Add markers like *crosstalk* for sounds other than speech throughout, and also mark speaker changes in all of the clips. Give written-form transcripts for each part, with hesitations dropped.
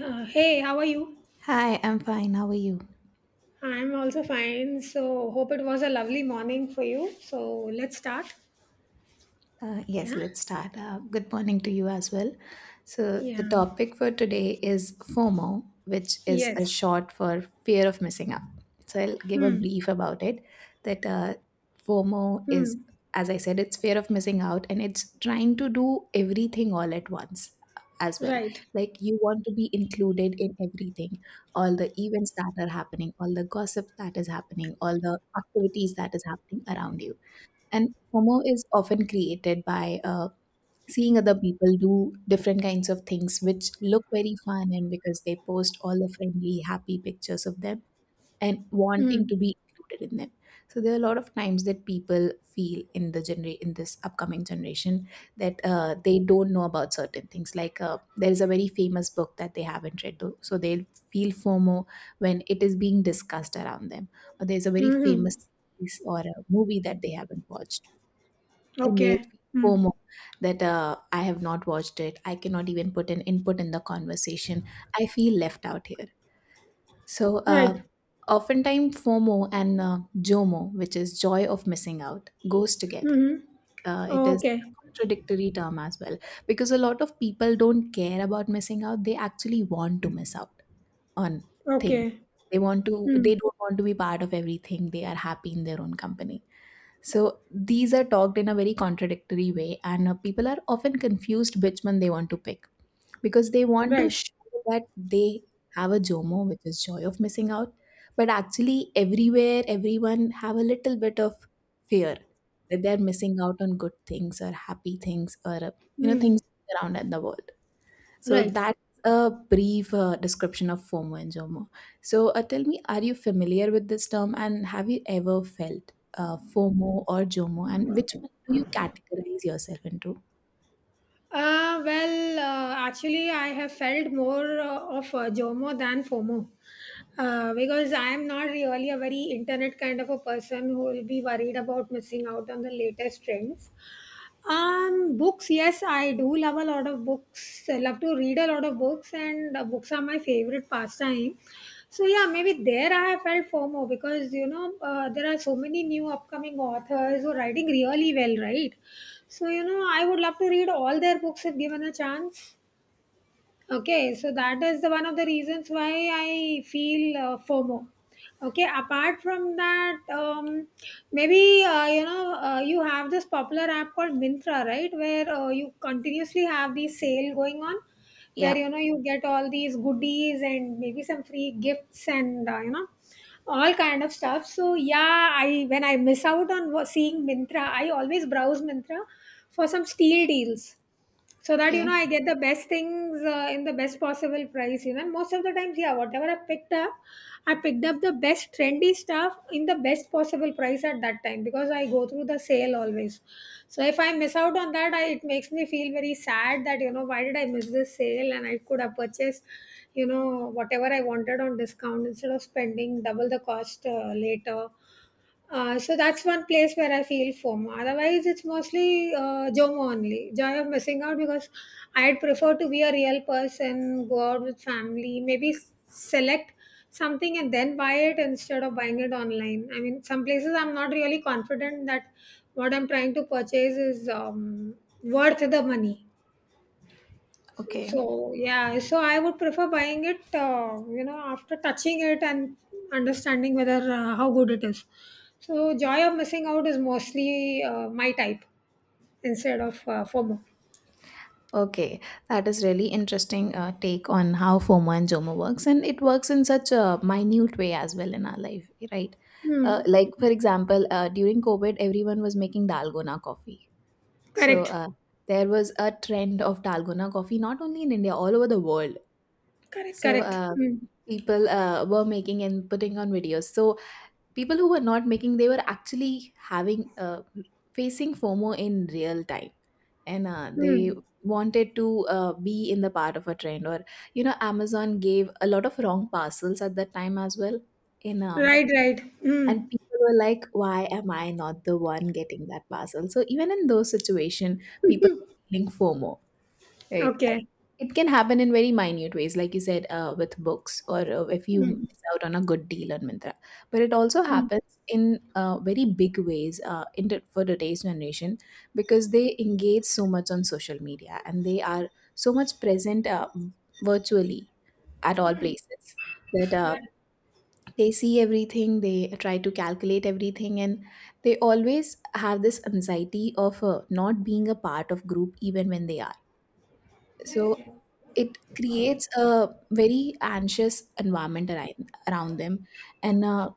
Speaker 1: Hey, how are you?
Speaker 2: Hi, I'm fine. How are you?
Speaker 1: I'm also fine. So, hope it was a lovely morning for you. So, let's start.
Speaker 2: Yes,
Speaker 1: Yeah.
Speaker 2: let's start. Good morning to you as well. So, the
Speaker 1: Yeah.
Speaker 2: topic for today is FOMO, which is a
Speaker 1: Yes.
Speaker 2: short for fear of missing out. So, I'll give a
Speaker 1: Hmm.
Speaker 2: brief about it. That FOMO
Speaker 1: Hmm.
Speaker 2: is, as I said, it's fear of missing out, and it's trying to do everything all at once as well.
Speaker 1: Right.
Speaker 2: Like, you want to be included in everything, all the events that are happening, all the gossip that is happening, all the activities that is happening around you. And FOMO is often created by seeing other people do different kinds of things which look very fun, and because they post all the friendly, happy pictures of them and
Speaker 1: Hmm.
Speaker 2: wanting to be included in them. So there are a lot of times that people feel in this upcoming generation that they don't know about certain things. Like there is a very famous book that they haven't read, though, so they feel FOMO when it is being discussed around them. Or there's a very
Speaker 1: Mm-hmm.
Speaker 2: famous series or a movie that they haven't watched, and they
Speaker 1: Okay.
Speaker 2: feel
Speaker 1: Hmm.
Speaker 2: FOMO that I have not watched it. I cannot even put an input in the conversation. I feel left out here. So,
Speaker 1: Right.
Speaker 2: uh, Oftentimes, FOMO and JOMO, which is joy of missing out, goes together.
Speaker 1: Mm-hmm.
Speaker 2: It is a
Speaker 1: Okay.
Speaker 2: contradictory term as well, because a lot of people don't care about missing out. They actually want to miss out on things.
Speaker 1: Okay.
Speaker 2: They want to.
Speaker 1: Hmm.
Speaker 2: They don't want to be part of everything. They are happy in their own company. So these are talked in a very contradictory way, and people are often confused which one they want to pick, because they want to
Speaker 1: Right.
Speaker 2: show that they have a JOMO, which is joy of missing out, but actually everywhere everyone have a little bit of fear that they're missing out on good things or happy things, or you know,
Speaker 1: Hmm.
Speaker 2: things around in the world. So
Speaker 1: Right.
Speaker 2: that's a brief description of FOMO and JOMO. So tell me, are you familiar with this term, and have you ever felt FOMO or JOMO, and which one do you categorize yourself into?
Speaker 1: Actually, I have felt more of JOMO than FOMO. Because I am not really a very internet kind of a person who will be worried about missing out on the latest trends. Books, yes, I do love a lot of books. I love to read a lot of books, and books are my favorite pastime. So yeah, maybe there I have felt FOMO because you know there are so many new upcoming authors who are writing really well, right? So you know I would love to read all their books if given a chance. Okay, so that is the one of the reasons why I feel FOMO. Okay, apart from that, maybe you know you have this popular app called Mintra, right? Where you continuously have the sale going on, where
Speaker 2: Yeah.
Speaker 1: you know you get all these goodies and maybe some free gifts and you know all kind of stuff. So yeah, I when I miss out on seeing Mintra, I always browse Mintra for some steel deals so that you know
Speaker 2: Okay.
Speaker 1: I get the best things in the best possible price, you know, and most of the times, yeah, whatever I picked up, I picked up the best trendy stuff in the best possible price at that time because I go through the sale always. So if I miss out on that, it makes me feel very sad that you know why did I miss this sale and I could have purchased, you know, whatever I wanted on discount instead of spending double the cost later. So that's one place where I feel FOMO. Otherwise, it's mostly JOMO only, joy of missing out, because I'd prefer to be a real person, go out with family, maybe select something and then buy it instead of buying it online. I mean, some places I'm not really confident that what I'm trying to purchase is worth the money.
Speaker 2: Okay.
Speaker 1: So yeah, so I would prefer buying it, you know, after touching it and understanding whether how good it is. So joy of missing out is mostly my type instead of FOMO.
Speaker 2: Okay. That is really interesting take on how FOMO and JOMO works, and it works in such a minute way as well in our life, right?
Speaker 1: Hmm.
Speaker 2: Like, for example, during COVID, everyone was making dalgona coffee. So
Speaker 1: Correct.
Speaker 2: uh, there was a trend of dalgona coffee, not only in India, all over the world.
Speaker 1: Correct.
Speaker 2: So
Speaker 1: Correct.
Speaker 2: uh,
Speaker 1: Hmm.
Speaker 2: people were making and putting on videos. So people who were not making, they were actually having facing FOMO in real time, and they
Speaker 1: Hmm.
Speaker 2: wanted to be in the part of a trend. Or, you know, Amazon gave a lot of wrong parcels at that time as well. In
Speaker 1: Right. Right. Hmm.
Speaker 2: And people were like, why am I not the one getting that parcel? So even in those situation, people are feeling FOMO, right?
Speaker 1: Okay.
Speaker 2: It can happen in very minute ways, like you said, with books, or if you
Speaker 1: Hmm.
Speaker 2: miss out on a good deal on Mintra, but it also
Speaker 1: Hmm.
Speaker 2: happens in very big ways for today's generation, because they engage so much on social media and they are so much present virtually at all places, that
Speaker 1: Right.
Speaker 2: they see everything, they try to calculate everything, and they always have this anxiety of not being a part of group even when they are. So it creates a very anxious environment around them, and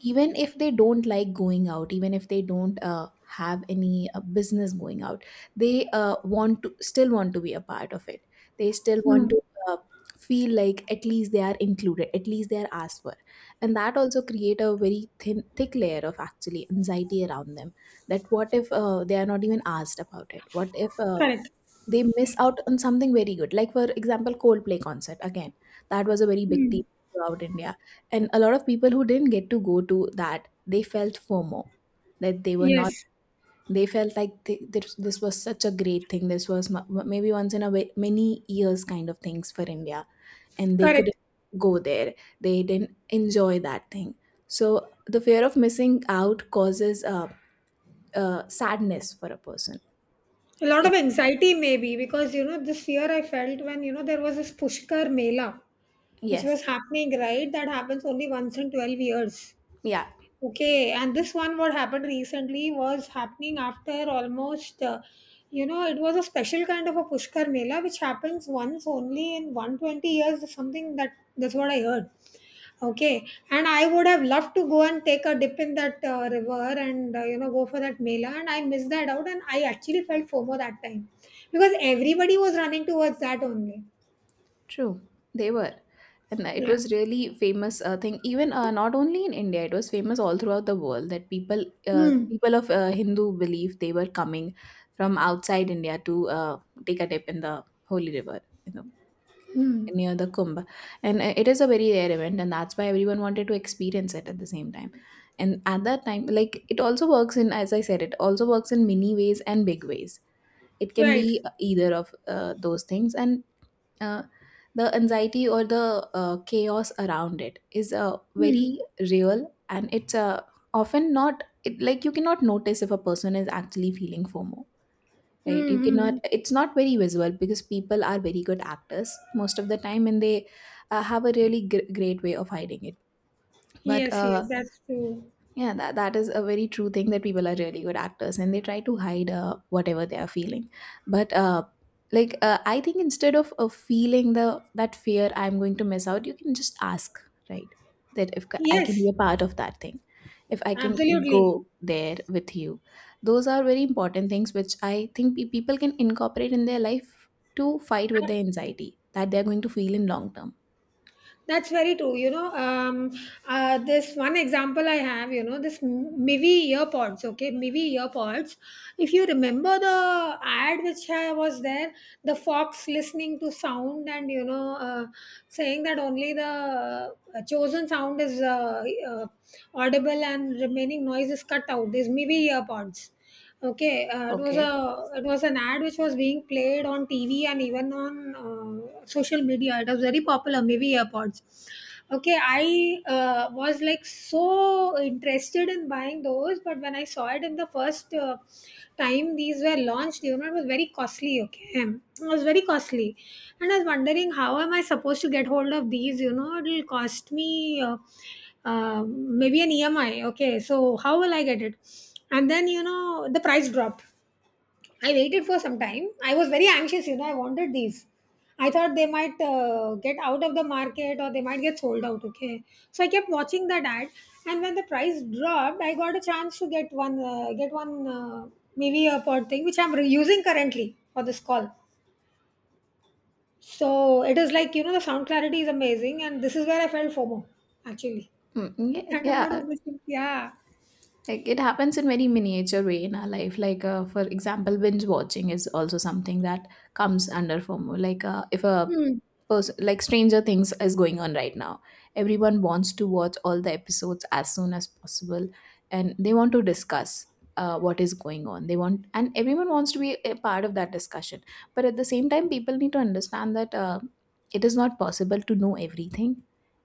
Speaker 2: even if they don't like going out, even if they don't have any business going out, they want to still want to be a part of it. They still want
Speaker 1: Hmm.
Speaker 2: to uh, feel like at least they are included, at least they are asked for, and that also create a very thin thick layer of actually anxiety around them, that what if they are not even asked about it, what if
Speaker 1: Correct.
Speaker 2: they miss out on something very good. Like for example, Coldplay concert again, that was a very big
Speaker 1: Hmm.
Speaker 2: deal throughout India, and a lot of people who didn't get to go to that, they felt FOMO that they were not.
Speaker 1: Yes.
Speaker 2: They felt like this, this was such a great thing. This was maybe once in a way, many years kind of things for India, and they
Speaker 1: Correct.
Speaker 2: couldn't go there. They didn't enjoy that thing. So the fear of missing out causes sadness for a person.
Speaker 1: A lot of
Speaker 2: It,
Speaker 1: anxiety maybe because you know this year I felt when you know there was this Pushkar Mela, which
Speaker 2: yes,
Speaker 1: was happening, right? That happens only once in 12 years.
Speaker 2: yeah.
Speaker 1: Okay, and this one, what happened recently, was happening after almost, you know, it was a special kind of a Pushkar Mela, which happens once only in 120 years, something that that's what I heard. Okay, and I would have loved to go and take a dip in that river and, you know, go for that Mela, and I missed that out, and I actually felt FOMO that time because everybody was running towards that only.
Speaker 2: True, they were. And it
Speaker 1: Yeah.
Speaker 2: was really famous thing. Even, not only in India, it was famous all throughout the world, that
Speaker 1: Hmm.
Speaker 2: people of Hindu belief, they were coming from outside India to take a dip in the holy river, you know,
Speaker 1: Hmm.
Speaker 2: near the Kumbh. And it is a very rare event, and that's why everyone wanted to experience it at the same time. And at that time, like it also works in, as I said, it also works in many ways and big ways. It can
Speaker 1: Right.
Speaker 2: be either of those things, and uh, the anxiety or the chaos around it is
Speaker 1: Hmm.
Speaker 2: very real, and it's often not it, like you cannot notice if a person is actually feeling FOMO, right?
Speaker 1: Hmm.
Speaker 2: You cannot.
Speaker 1: Hmm.
Speaker 2: It's not very visible, because people are very good actors most of the time, and they have a really great way of hiding it. But
Speaker 1: Yes, yes, that's true.
Speaker 2: Yeah, that is a very true thing, that people are really good actors and they try to hide whatever they are feeling. But I think, instead of feeling the that fear I'm going to miss out, you can just ask, right? That if I can
Speaker 1: Yes,
Speaker 2: be a part of that thing, if I can
Speaker 1: absolutely.
Speaker 2: go there with you, those are very important things which I think people can incorporate in their life to fight with the anxiety that they're going to feel in long term.
Speaker 1: That's very true. You know, this one example I have, you know, this Mivi earpods, okay, Mivi earpods. If you remember the ad which was there, the fox listening to sound and, you know, saying that only the chosen sound is uh, audible and remaining noise is cut out, these Mivi earpods. Okay, uh, it was a
Speaker 2: Okay.
Speaker 1: it was an ad which was being played on TV and even on social media. It was very popular, maybe AirPods. Okay, I was like so interested in buying those, but when I saw it in the first time these were launched, you know, it was very costly. Okay, it was very costly, and I was wondering how am I supposed to get hold of these? You know, it'll cost me. Maybe an EMI. Okay, so how will I get it? And then you know the price dropped. I waited for some time. I was very anxious, you know, I wanted these. I thought they might get out of the market or they might get sold out. Okay, so I kept watching that ad, and when the price dropped, I got a chance to get one maybe a pod thing which I'm using currently for this call. So it is like, you know, the sound clarity is amazing and this is where I felt FOMO, actually.
Speaker 2: Yeah,
Speaker 1: That I'm going to
Speaker 2: yeah.
Speaker 1: miss it, yeah.
Speaker 2: Like it happens in very miniature way in our life. Like for example, binge watching is also something that comes under FOMO. Like if a
Speaker 1: Hmm.
Speaker 2: person, like Stranger Things is going on right now, everyone wants to watch all the episodes as soon as possible, and they want to discuss what is going on. They want, and everyone wants to be a part of that discussion. But at the same time, people need to understand that it is not possible to know everything.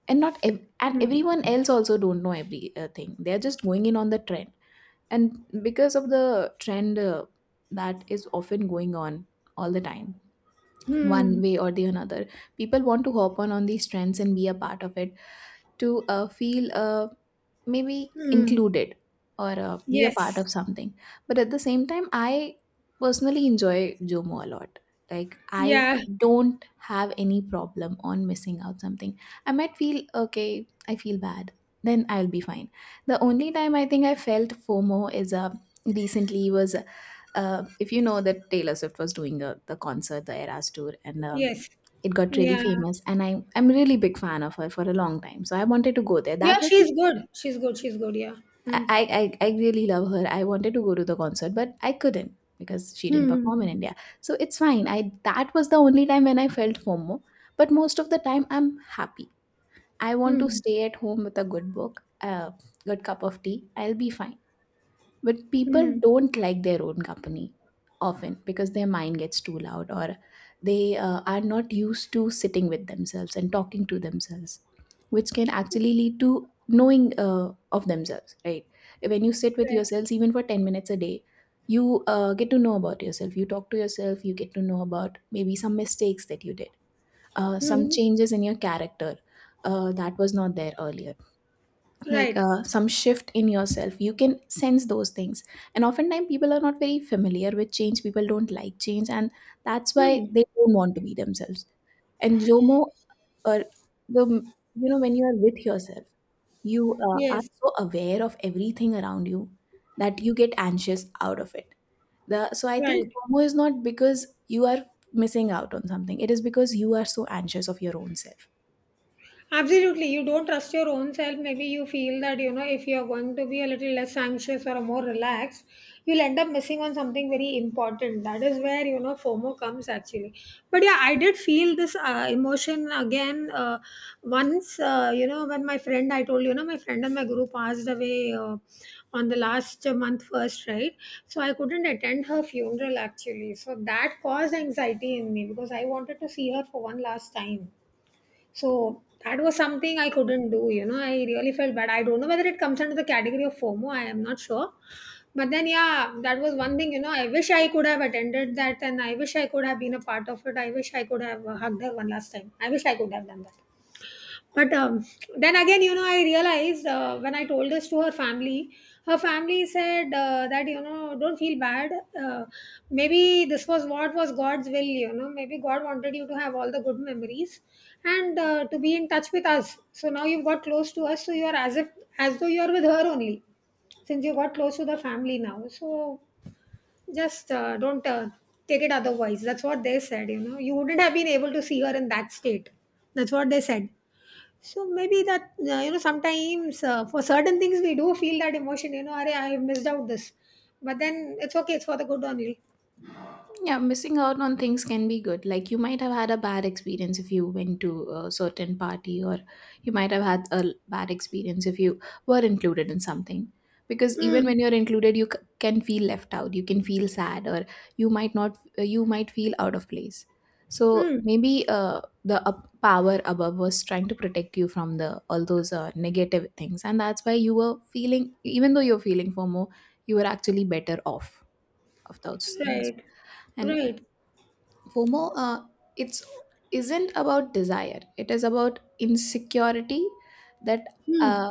Speaker 2: And not ev- and
Speaker 1: Hmm.
Speaker 2: everyone else also don't know everything. They are just going in on the trend, and because of the trend that is often going on all the time one
Speaker 1: Hmm.
Speaker 2: way or the another, people want to hop on these trends and be a part of it, to feel a maybe
Speaker 1: Hmm.
Speaker 2: included or be a part
Speaker 1: Yes.
Speaker 2: of something. But at the same time, I personally enjoy JOMO a lot. Like, I
Speaker 1: Yeah.
Speaker 2: don't have any problem on missing out something. I might feel, okay, I feel bad, then I'll be fine. The only time I think I felt FOMO is recently was, if you know that Taylor Swift was doing the concert, the Eras tour, and
Speaker 1: Yes.
Speaker 2: it got really
Speaker 1: Yeah.
Speaker 2: famous, and I, I'm really big fan of her for a long time, so I wanted to go there.
Speaker 1: Yeah,
Speaker 2: that was
Speaker 1: she's good. She's good. She's good. Yeah. Hmm.
Speaker 2: I, I, I really love her. I wanted to go to the concert, but I couldn't because she didn't perform
Speaker 1: Hmm.
Speaker 2: in India. So it's fine. I That was the only time when I felt FOMO. But most of the time, I'm happy. I want to
Speaker 1: Hmm.
Speaker 2: stay at home with a good book, a good cup of tea. I'll be fine, but people
Speaker 1: Hmm.
Speaker 2: don't like their own company often because their mind gets too loud, or they are not used to sitting with themselves and talking to themselves, which can actually lead to knowing of themselves, right? When you sit with
Speaker 1: Right.
Speaker 2: yourselves even for 10 minutes a day, you get to know about yourself, you talk to yourself, you get to know about maybe some mistakes that you did, some
Speaker 1: Hmm.
Speaker 2: changes in your character, that was not there earlier, like
Speaker 1: Right.
Speaker 2: some shift in yourself. You can sense those things. And oftentimes people are not very familiar with change. People don't like change, and that's why
Speaker 1: Hmm.
Speaker 2: they don't want to be themselves. And JOMO, or the you know when you are with yourself, you are
Speaker 1: Yes.
Speaker 2: so aware of everything around you that you get anxious out of it. The so I think
Speaker 1: Right.
Speaker 2: FOMO is not because you are missing out on something, it is because you are so anxious of your own self.
Speaker 1: Absolutely. You don't trust your own self. Maybe you feel that, you know, if you're going to be a little less anxious or more relaxed, you'll end up missing on something very important. That is where, you know, FOMO comes actually. But yeah, I did feel this emotion again once, you know, when my friend, I told you, you know, my friend and my guru passed away on the last month first, right? So I couldn't attend her funeral actually. So that caused anxiety in me because I wanted to see her for one last time, so that was something I couldn't do, you know. I really felt bad. I don't know whether it comes under the category of FOMO, I am not sure. But then, yeah, that was one thing, you know. I wish I could have attended that and I wish I could have been a part of it. I wish I could have hugged her one last time. I wish I could have done that. But then again, you know, I realized when I told this to her family said that, you know, don't feel bad. Uh, Maybe this was what was God's will, you know, maybe God wanted you to have all the good memories and to be in touch with us. So now you've got close to us, so you are as if, as though you are with her only, since you got close to the family now. So just don't take it otherwise. That's what they said, you know. You wouldn't have been able to see her in that state. That's what they said. So maybe that you know sometimes for certain things we do feel that emotion. You know, Arey, I have missed out this, but then it's okay. It's for the good only.
Speaker 2: Yeah, missing out on things can be good. Like, you might have had a bad experience if you went to a certain party, or you might have had a bad experience if you were included in something. Because even
Speaker 1: Hmm.
Speaker 2: when you're included, you can feel left out. You can feel sad, or you might not. You might feel out of place. So
Speaker 1: Hmm.
Speaker 2: maybe the up power above was trying to protect you from the all those negative things, and that's why you were feeling, even though you're feeling FOMO, you were actually better off of those things.
Speaker 1: Right.
Speaker 2: And
Speaker 1: Right.
Speaker 2: FOMO, it's isn't about desire. It is about insecurity that
Speaker 1: Hmm.
Speaker 2: uh,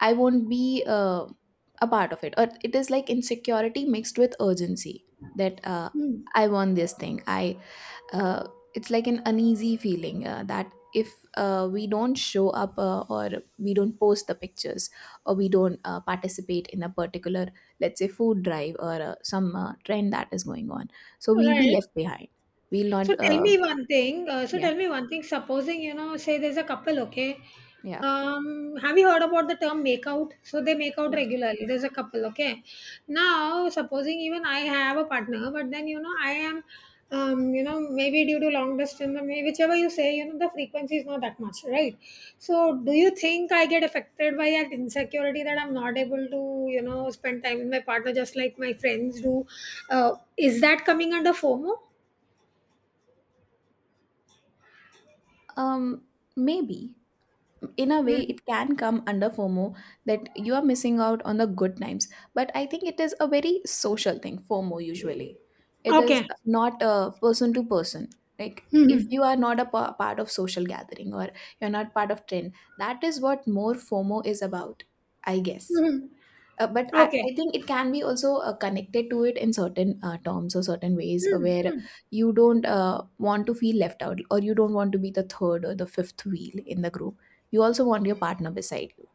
Speaker 2: I won't be a part of it. Or it is like insecurity mixed with urgency that
Speaker 1: Hmm.
Speaker 2: I want this thing. I uh, it's like an uneasy feeling that if we don't show up or we don't post the pictures, or we don't participate in a particular, let's say, food drive, or some trend that is going on, so we'll be
Speaker 1: Right.
Speaker 2: left behind, we'll
Speaker 1: So
Speaker 2: not
Speaker 1: tell me one thing. So
Speaker 2: yeah,
Speaker 1: tell me one thing. Supposing you know, say there's a couple. Okay,
Speaker 2: yeah.
Speaker 1: have you heard about the term make out? So they make out
Speaker 2: Yes.
Speaker 1: regularly. There's a couple. Okay, now supposing even I have a partner, but then you know I am, you know maybe due to long distance or maybe whichever you say, you know the frequency is not that much, right? So do you think I get affected by that insecurity that I'm not able to you know spend time with my partner just like my friends do? Is that coming under FOMO?
Speaker 2: um Maybe in a way
Speaker 1: Mm-hmm.
Speaker 2: it can come under FOMO, that you are missing out on the good times. But I think it is a very social thing, FOMO, usually. It is
Speaker 1: Okay.
Speaker 2: not a person to person, like, if
Speaker 1: Mhm.
Speaker 2: you are not a part of social gathering, or you're not part of trend. That is what more FOMO is about, I guess.
Speaker 1: Mhm.
Speaker 2: But I
Speaker 1: Okay.
Speaker 2: think it can be also connected to it in certain terms or certain ways,
Speaker 1: Hmm.
Speaker 2: where
Speaker 1: Mm.
Speaker 2: you don't want to feel left out, or you don't want to be the third or the fifth wheel in the group. You also want your partner beside you.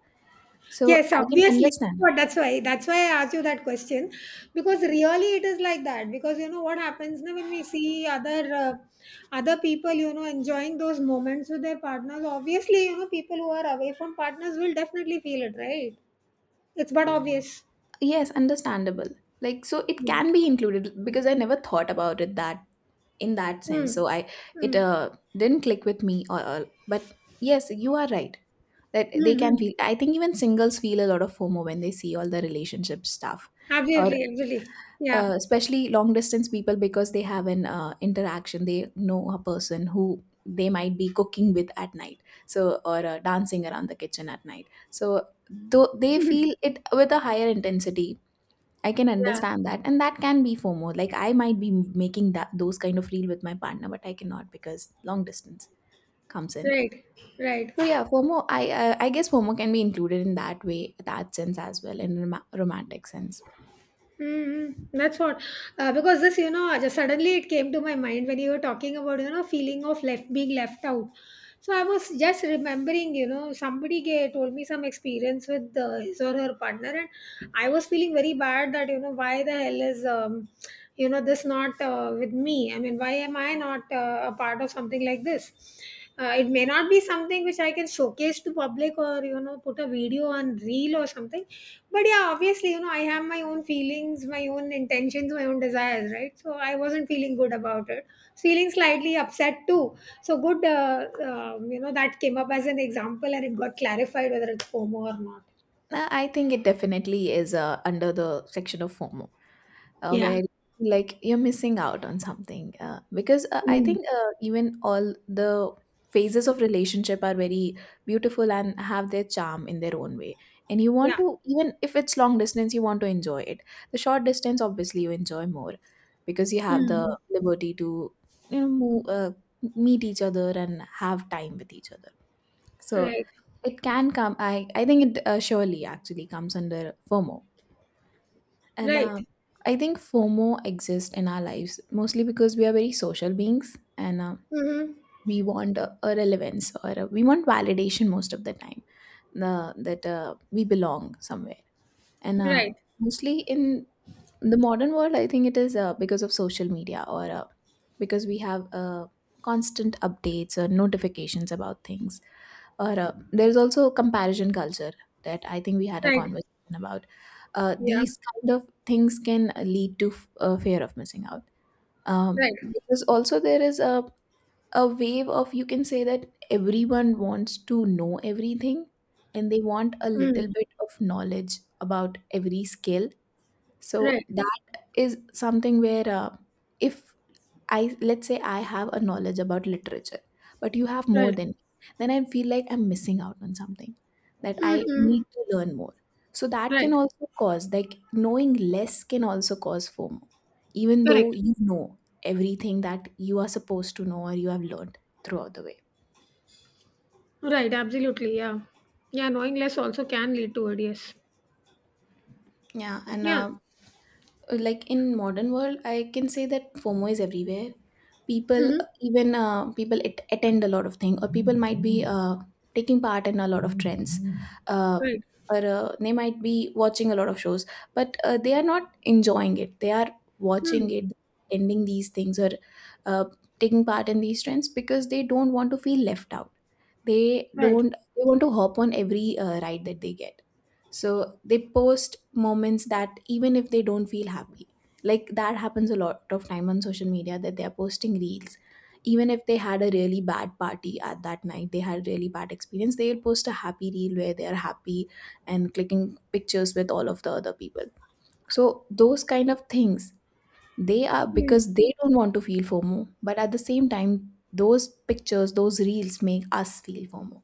Speaker 2: So
Speaker 1: Yes,
Speaker 2: I can
Speaker 1: obviously.
Speaker 2: understand.
Speaker 1: But that's why I asked you that question, because really it is like that, because you know what happens now when we see other people, you know, enjoying those moments with their partners, obviously, you know, people who are away from partners will definitely feel it, right? It's but obvious.
Speaker 2: Yes, understandable. Like, so it
Speaker 1: Yeah.
Speaker 2: can be included because I never thought about it that in that sense.
Speaker 1: Mm.
Speaker 2: So I it
Speaker 1: Mm.
Speaker 2: didn't click with me, or but yes, you are right that they can
Speaker 1: Mm-hmm.
Speaker 2: feel. I think even singles feel a lot of FOMO when they see all the relationship stuff. Or
Speaker 1: Absolutely, absolutely, yeah.
Speaker 2: especially long distance people, because they have an interaction, they know a person who they might be cooking with at night, so, or dancing around the kitchen at night, so, though they feel it with a higher intensity. I can
Speaker 1: Yeah.
Speaker 2: understand that, and that can be FOMO. Like, I might be making that those kind of reel with my partner, but I cannot because long distance comes in.
Speaker 1: Right. Right.
Speaker 2: So yeah, FOMO. I guess FOMO can be included in that way, that sense as well, in romantic sense.
Speaker 1: Mm, that's what, because this, you know, just suddenly it came to my mind when you were talking about, you know, feeling of left being left out. So I was just remembering, you know, somebody gave, told me some experience with his or her partner, and I was feeling very bad that, you know, why the hell is, you know, this not with me? I mean, why am I not a part of something like this? It may not be something which I can showcase to public or, you know, put a video on reel or something, but yeah, obviously, you know, I have my own feelings, my own intentions, my own desires, right? So I wasn't feeling good about it. Feeling slightly upset too. So good, you know, that came up as an example and it got clarified whether it's FOMO or not.
Speaker 2: I think it definitely is under the section of FOMO,
Speaker 1: Yeah.
Speaker 2: where like you're missing out on something, because I
Speaker 1: Mm.
Speaker 2: think even all the phases of relationship are very beautiful and have their charm in their own way, and you want
Speaker 1: Yeah.
Speaker 2: to, even if it's long distance, you want to enjoy it. The short distance obviously you enjoy more, because you have the
Speaker 1: Mm.
Speaker 2: liberty to, you know, move, meet each other and have time with each other. So
Speaker 1: Right.
Speaker 2: it can come. I think it surely actually comes under FOMO. And
Speaker 1: Right.
Speaker 2: I think FOMO exists in our lives mostly because we are very social beings, and
Speaker 1: Mm-hmm.
Speaker 2: we want a relevance, or we want validation most of the time, that we belong somewhere. And
Speaker 1: Right.
Speaker 2: mostly in the modern world, I think it is because of social media, or because we have constant updates or notifications about things, or there's also a comparison culture that I think we had a
Speaker 1: Right.
Speaker 2: conversation about.
Speaker 1: Yeah.
Speaker 2: These kind of things can lead to a fear of missing out,
Speaker 1: Right.
Speaker 2: because also there is a wave of, you can say, that everyone wants to know everything, and they want a little
Speaker 1: Mm.
Speaker 2: bit of knowledge about every skill. So
Speaker 1: Right.
Speaker 2: that is something where if, I, let's say, I have a knowledge about literature, but you have more
Speaker 1: Right.
Speaker 2: than me, then I feel like I'm missing out on something, that I
Speaker 1: Mm-hmm.
Speaker 2: need to learn more. So that can
Speaker 1: Right.
Speaker 2: also cause, like, knowing less can also cause FOMO, even though
Speaker 1: Correct.
Speaker 2: you know everything that you are supposed to know, or you have learned throughout the way.
Speaker 1: Right. Absolutely. Yeah. Yeah. Knowing less also can lead to it. Yes.
Speaker 2: Yeah, and
Speaker 1: Yeah.
Speaker 2: like in modern world, I can say that FOMO is everywhere. People,
Speaker 1: Mm-hmm.
Speaker 2: even people at attend a lot of things, or people might be taking part in a lot of trends, uh,
Speaker 1: Right.
Speaker 2: or they might be watching a lot of shows, but they are not enjoying it. They are watching
Speaker 1: Hmm.
Speaker 2: it, attending these things, or uh, taking part in these trends, because they don't want to feel left out. They
Speaker 1: Right.
Speaker 2: don't, they want to hop on every ride that they get. So they post moments that, even if they don't feel happy, like that happens a lot of time on social media, that they are posting reels even if they had a really bad party at that night, they had a really bad experience, they will post a happy reel where they are happy and clicking pictures with all of the other people. So those kind of things, they are
Speaker 1: Hmm.
Speaker 2: because they don't want to feel FOMO, but at the same time those pictures, those reels make us feel FOMO,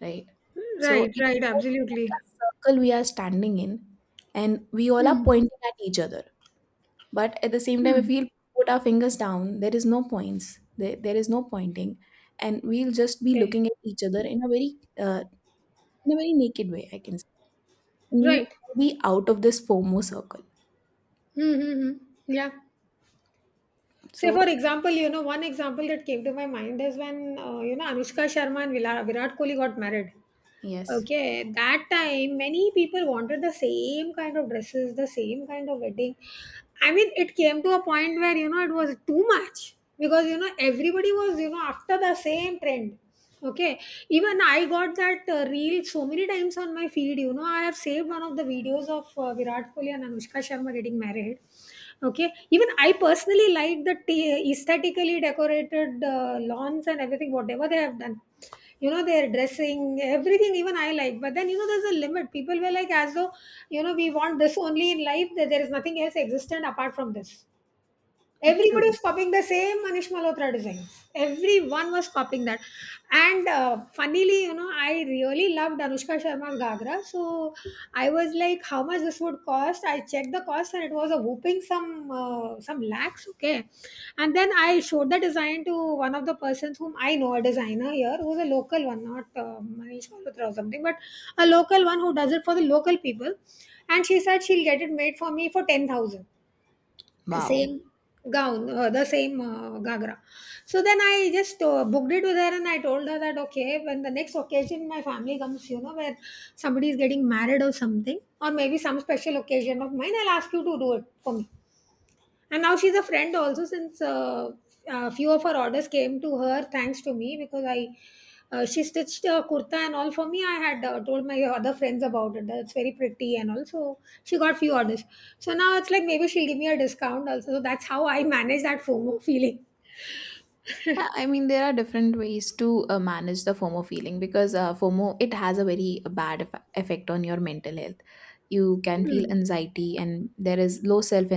Speaker 2: right? So
Speaker 1: Right.
Speaker 2: it's
Speaker 1: Right.
Speaker 2: like
Speaker 1: Absolutely.
Speaker 2: a circle we are standing in, and we all are
Speaker 1: Hmm.
Speaker 2: pointing at each other. But at the same time, if
Speaker 1: Hmm.
Speaker 2: we'll put our fingers down, there is no points. There is no pointing, and we'll just be
Speaker 1: Okay.
Speaker 2: looking at each other in a very naked way, I can say, and we
Speaker 1: Right.
Speaker 2: will be out of this FOMO circle.
Speaker 1: Mm-hmm. Yeah. Say,
Speaker 2: So
Speaker 1: for example, one example that came to my mind is when, you know, Anushka Sharma and Virat Kohli got married.
Speaker 2: yes,
Speaker 1: Okay, that time many people wanted the same kind of dresses, the same kind of wedding. I mean, it came to a point where it was too much because everybody was, you know, after the same trend. Okay, even I got that reel so many times on my feed. You know, I have saved one of the videos of Virat Kohli and Anushka Sharma getting married. Okay, even I personally like the aesthetically decorated lawns and everything, whatever they have done, you know, their dressing, everything, even I like. But then, you know, there's a limit. People were like, as though, you know, we want this only in life, that there is nothing else existent apart from this. Everybody
Speaker 2: true.
Speaker 1: was copying the same Manish Malhotra designs. Everyone was copying that. And funnily, you know, I really loved Anushka Sharma's Gagra. So I was like, how much this would cost? I checked the cost and it was a whooping some lakhs. Okay. And then I showed the design to one of the persons whom I know, a designer here, who's a local one, not Manish Malhotra or something, but a local one who does it for the local people. And she said she'll get it made for me for 10,000,
Speaker 2: Wow.
Speaker 1: same gown, the same gagra. So then I just booked it with her and I told her that okay, when the next occasion my family comes, you know, where somebody is getting married or something, or maybe some special occasion of mine, I'll ask you to do it for me. And now she's a friend also since a few of her orders came to her thanks to me because I, she stitched a kurta and all for me. I had told my other friends about it, that's very pretty, and also she got few orders. So now it's like maybe she'll give me a discount also. So that's how I manage that FOMO *laughs* feeling.
Speaker 2: Yeah, I mean, there are different ways to manage the FOMO feeling, because FOMO, it has a very bad effect on your mental health. You can feel anxiety, and there is low self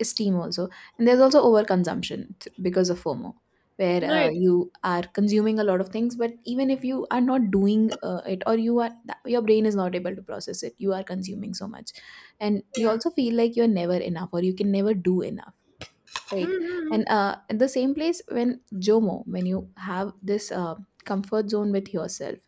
Speaker 2: esteem also, and there's also overconsumption because of FOMO, where
Speaker 1: Right.
Speaker 2: you are consuming a lot of things, but even if you are not doing it, or you are that, your brain is not able to process it, you are consuming so much, and you
Speaker 1: Yeah.
Speaker 2: also feel like you're never enough, or you can never do enough. Right.
Speaker 1: Mm-hmm.
Speaker 2: And in the same place, when JOMO, when you have this comfort zone with yourself,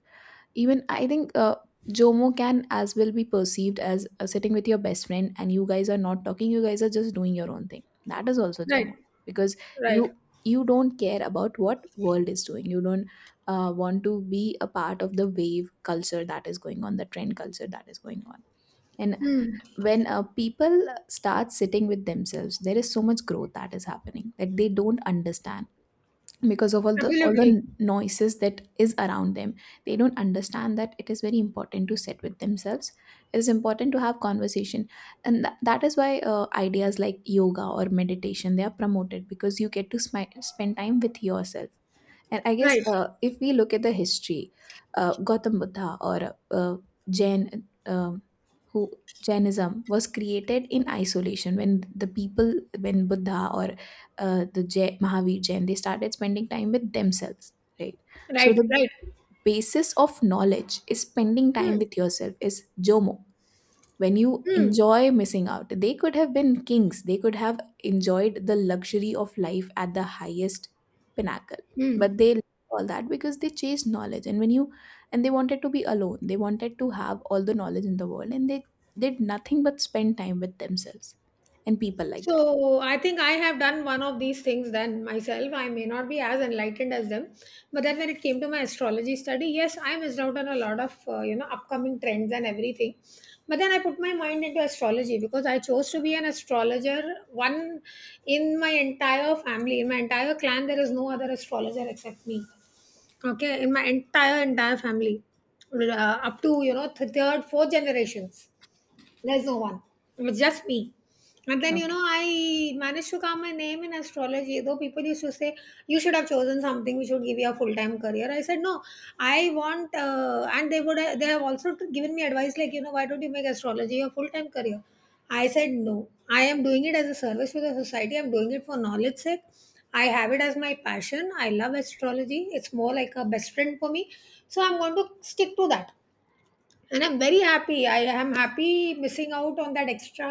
Speaker 2: even I think JOMO can as well be perceived as sitting with your best friend and you guys are not talking, you guys are just doing your own thing. That is also
Speaker 1: Right.
Speaker 2: JOMO, because
Speaker 1: Right.
Speaker 2: you you don't care about what world is doing. You don't want to be a part of the wave culture that is going on, the trend culture that is going on. And
Speaker 1: Hmm.
Speaker 2: when people start sitting with themselves, there is so much growth that is happening that they don't understand, because of all the
Speaker 1: Absolutely.
Speaker 2: noises that is around them. They don't understand that it is very important to sit with themselves. It is important to have conversation. And that is why ideas like yoga or meditation, they are promoted, because you get to spend time with yourself. And I guess
Speaker 1: Right.
Speaker 2: if we look at the history, Gautam Buddha, or Jain, who, Jainism was created in isolation, when the people, when Buddha, or the Jain, Mahavir Jain, they started spending time with themselves, right? So
Speaker 1: Right.
Speaker 2: the
Speaker 1: Right.
Speaker 2: basis of knowledge is spending time
Speaker 1: Hmm.
Speaker 2: with yourself, is JOMO. When you
Speaker 1: Hmm.
Speaker 2: enjoy missing out, they could have been kings, they could have enjoyed the luxury of life at the highest pinnacle,
Speaker 1: Hmm.
Speaker 2: but they left all that because they chased knowledge. And when you, and they wanted to be alone, they wanted to have all the knowledge in the world, and they did nothing but spend time with themselves. And people like
Speaker 1: So I think I have done one of these things then myself. I may not be as enlightened as them, but then when it came to my astrology study, yes, I missed out on a lot of, you know, upcoming trends and everything. But then I put my mind into astrology because I chose to be an astrologer. One in my entire family, in my entire clan, there is no other astrologer except me. Okay, in my entire entire family, up to, you know, third, fourth generations, there's no one. It was just me. And then,
Speaker 2: that
Speaker 1: you know,
Speaker 2: okay,
Speaker 1: I managed to carve my name in astrology. Though people used to say, you should have chosen something, we should give you a full time career. I said, no, I want, and they would, they have also given me advice like, you know, why don't you make astrology your full time career? I said, no, I am doing it as a service to the society. I'm doing it for knowledge sake. I have it as my passion. I love astrology. It's more like a best friend for me. So I'm going to stick to that, and I'm very happy. I am happy missing out on that extra,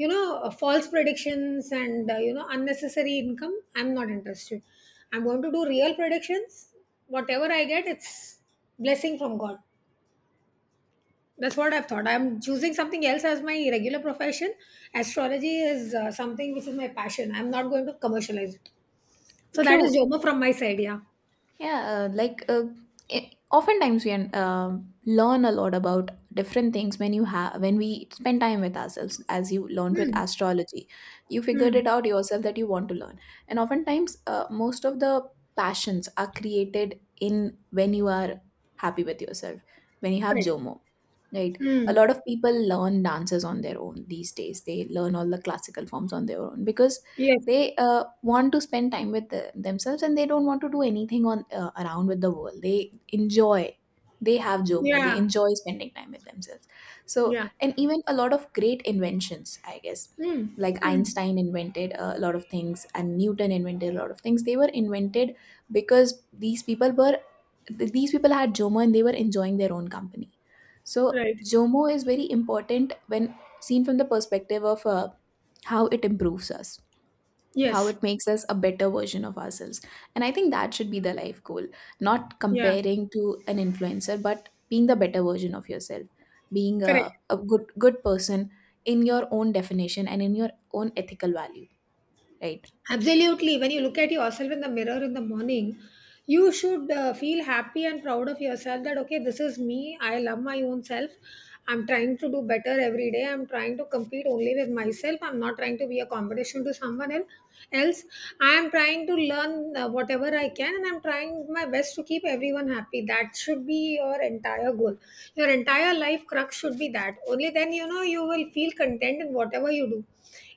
Speaker 1: you know, false predictions and, you know, unnecessary income. I'm not interested. I'm going to do real predictions. Whatever I get, it's blessing from God. That's what I've thought. I'm choosing something else as my regular profession. Astrology is something which is my passion. I'm not going to commercialize it. So that is
Speaker 2: true.
Speaker 1: joma from my side. Yeah.
Speaker 2: Yeah, like oftentimes we learn a lot about different things when you have when we spend time with ourselves. As you learned with
Speaker 1: Hmm.
Speaker 2: astrology, you figured
Speaker 1: Hmm.
Speaker 2: it out yourself that you want to learn, and oftentimes most of the passions are created in when you are happy with yourself, when you have
Speaker 1: Right.
Speaker 2: JOMO. Right. A
Speaker 1: Hmm.
Speaker 2: lot of people learn dances on their own these days. They learn all the classical forms on their own, because
Speaker 1: Yes.
Speaker 2: they want to spend time with themselves, and they don't want to do anything on around with the world. They enjoy. They have JOMO. They
Speaker 1: Yeah.
Speaker 2: enjoy spending time with themselves. So,
Speaker 1: Yeah.
Speaker 2: and even a lot of great inventions, I guess.
Speaker 1: Hmm.
Speaker 2: Like
Speaker 1: Hmm.
Speaker 2: Einstein invented a lot of things and Newton invented a lot of things. They were invented because these people had Jomo and they were enjoying their own company, so
Speaker 1: Right.
Speaker 2: Zomo is very important when seen from the perspective of how it improves us, how
Speaker 1: Yes.
Speaker 2: it makes us a better version of ourselves. And I think that should be the life goal, not
Speaker 1: Yeah.
Speaker 2: comparing to an influencer, but being the better version of yourself, being
Speaker 1: Correct.
Speaker 2: a good person in your own definition and in your own ethical value, right?
Speaker 1: Absolutely. When you look at yourself in the mirror in the morning, you should feel happy and proud of yourself that, okay, this is me. I love my own self. I'm trying to do better every day. I'm trying to compete only with myself. I'm not trying to be a competition to else. I am trying to learn whatever I can, and I'm trying my best to keep everyone happy. That should be your entire goal. Your entire life crux should be that. Only then, you know, you will feel content in whatever you do,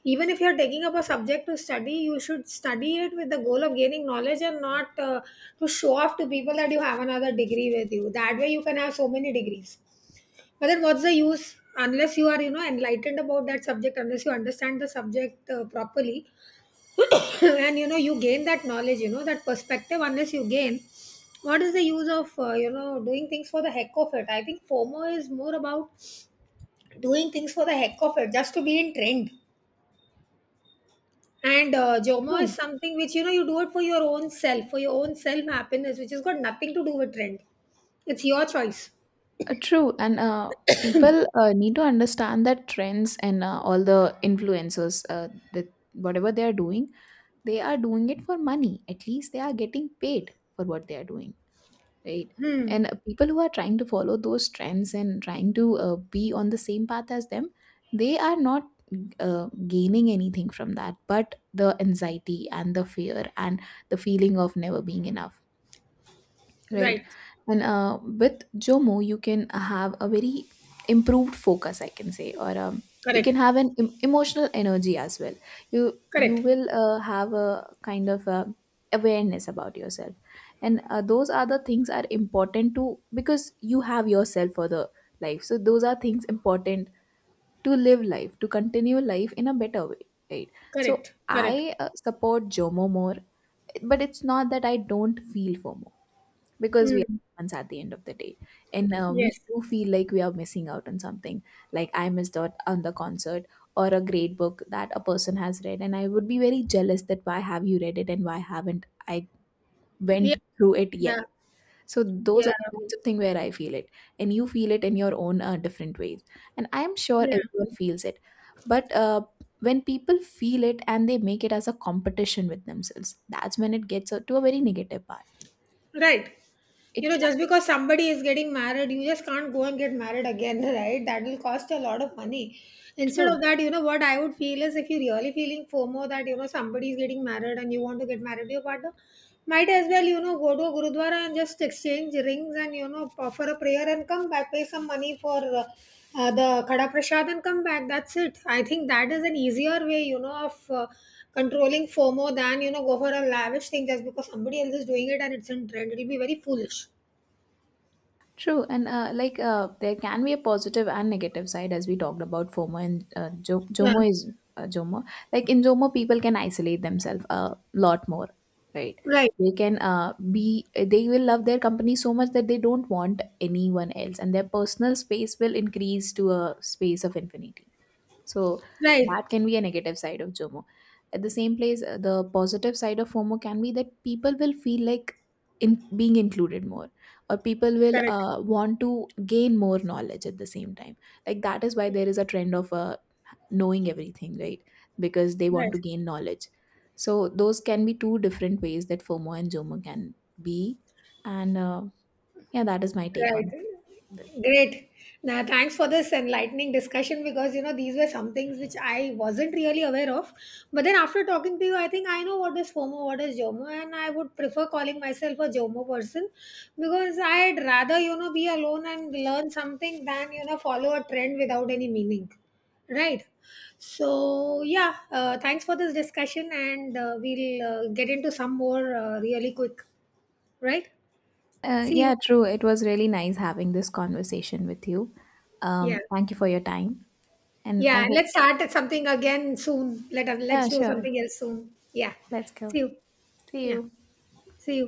Speaker 1: even if you're taking up a subject to study. You should study it with the goal of gaining knowledge and not, to show off to people that you have another degree with you. That way you can have so many degrees, but then what's the use unless you are, you know, enlightened about that subject, unless you understand the subject properly, *coughs* and, you know, you gain that knowledge, you know, that perspective, unless you gain. What is the use of, you know, doing things for the heck of it? I think FOMO is more about doing things for the heck of it, just to be in trend. And Jomo is
Speaker 2: True.
Speaker 1: something which, you know, you do it for your own self, for your own self happiness, which has got nothing to do with trend. It's your choice.
Speaker 2: True. And People need to understand that trends and all the influencers, that whatever they are doing, they are doing it for money. At least they are getting paid for what they are doing, right?
Speaker 1: Hmm.
Speaker 2: and People who are trying to follow those trends and trying to be on the same path as them, they are not gaining anything from that but the anxiety and the fear and the feeling of never being enough. Right.
Speaker 1: Right.
Speaker 2: And With Jomo, you can have a very improved focus, I can say, or you can
Speaker 1: Correct.
Speaker 2: have an emotional energy as well. You
Speaker 1: Correct.
Speaker 2: will have a kind of awareness about yourself, and those are the things are important to, because you have yourself for the life. So those are things important to live life, to continue life in a better way, right? So
Speaker 1: Correct. Correct.
Speaker 2: I support Jomo more, but it's not that I don't feel FOMO, because we are
Speaker 1: Hmm.
Speaker 2: ones at the end of the day, and we
Speaker 1: Yes.
Speaker 2: do feel like we are missing out on something. Like, I missed out on the concert, or a great book that a person has read, and I would be very jealous that why have you read it and why haven't I
Speaker 1: Yeah.
Speaker 2: went through it yet.
Speaker 1: Yeah.
Speaker 2: So those
Speaker 1: Yeah.
Speaker 2: are the kinds of thing where I feel it, and you feel it in your own different ways, and I am sure
Speaker 1: Yeah.
Speaker 2: everyone feels it. But When people feel it and they make it as a competition with themselves, that's when it gets to a very negative part.
Speaker 1: Right.
Speaker 2: It
Speaker 1: You know,
Speaker 2: can.
Speaker 1: just because somebody is getting married, you just can't go and get married again, *laughs* right? That will cost a lot of money. Instead
Speaker 2: True.
Speaker 1: of that, you know, what I would feel is if you're really feeling FOMO that, you know, somebody is getting married and you want to get married to your partner, might as well, you know, go to a Gurudwara and just exchange rings and, you know, offer a prayer and come back, pay some money for. The kada prasad and come back, that's it. I think that is an easier way, you know, of controlling FOMO than, you know, go for a lavish thing just because somebody else is doing it and it's in trend. It'll be very foolish.
Speaker 2: True, and like there can be a positive and negative side. As we talked about FOMO and
Speaker 1: Yeah.
Speaker 2: JOMO is JOMO. Like in JOMO, people can isolate themselves a lot more, right?
Speaker 1: Right.
Speaker 2: They can be they will love their company so much that they don't want anyone else, and their personal space will increase to a space of infinity. So that
Speaker 1: Right.
Speaker 2: can be a negative side of JOMO. At the same place, the positive side of FOMO can be that people will feel like in being included more, or people will
Speaker 1: Correct.
Speaker 2: want to gain more knowledge at the same time. Like, that is why there is a trend of knowing everything, right? Because they want to
Speaker 1: Right.
Speaker 2: gain knowledge. So those can be two different ways that FOMO and JOMO can be, and yeah, that is my take
Speaker 1: Right.
Speaker 2: on this.
Speaker 1: Great. Now, thanks for this enlightening discussion because, you know, these were some things which I wasn't really aware of. But then after talking to you, I think I know what is FOMO, what is JOMO, and I would prefer calling myself a JOMO person because I'd rather, you know, be alone and learn something than, you know, follow a trend without any meaning. Right. So yeah, thanks for this discussion, and we'll get into some more really quick. Right. See
Speaker 2: Yeah,
Speaker 1: you.
Speaker 2: true. It was really nice having this conversation with you.
Speaker 1: Yeah.
Speaker 2: Thank you for your time. And
Speaker 1: Yeah,
Speaker 2: I
Speaker 1: and
Speaker 2: hope,
Speaker 1: let's start at something again soon. Let us
Speaker 2: yeah,
Speaker 1: let's do
Speaker 2: sure.
Speaker 1: something else soon. Yeah.
Speaker 2: Let's go.
Speaker 1: See you.
Speaker 2: See
Speaker 1: Yeah.
Speaker 2: you.
Speaker 1: See you.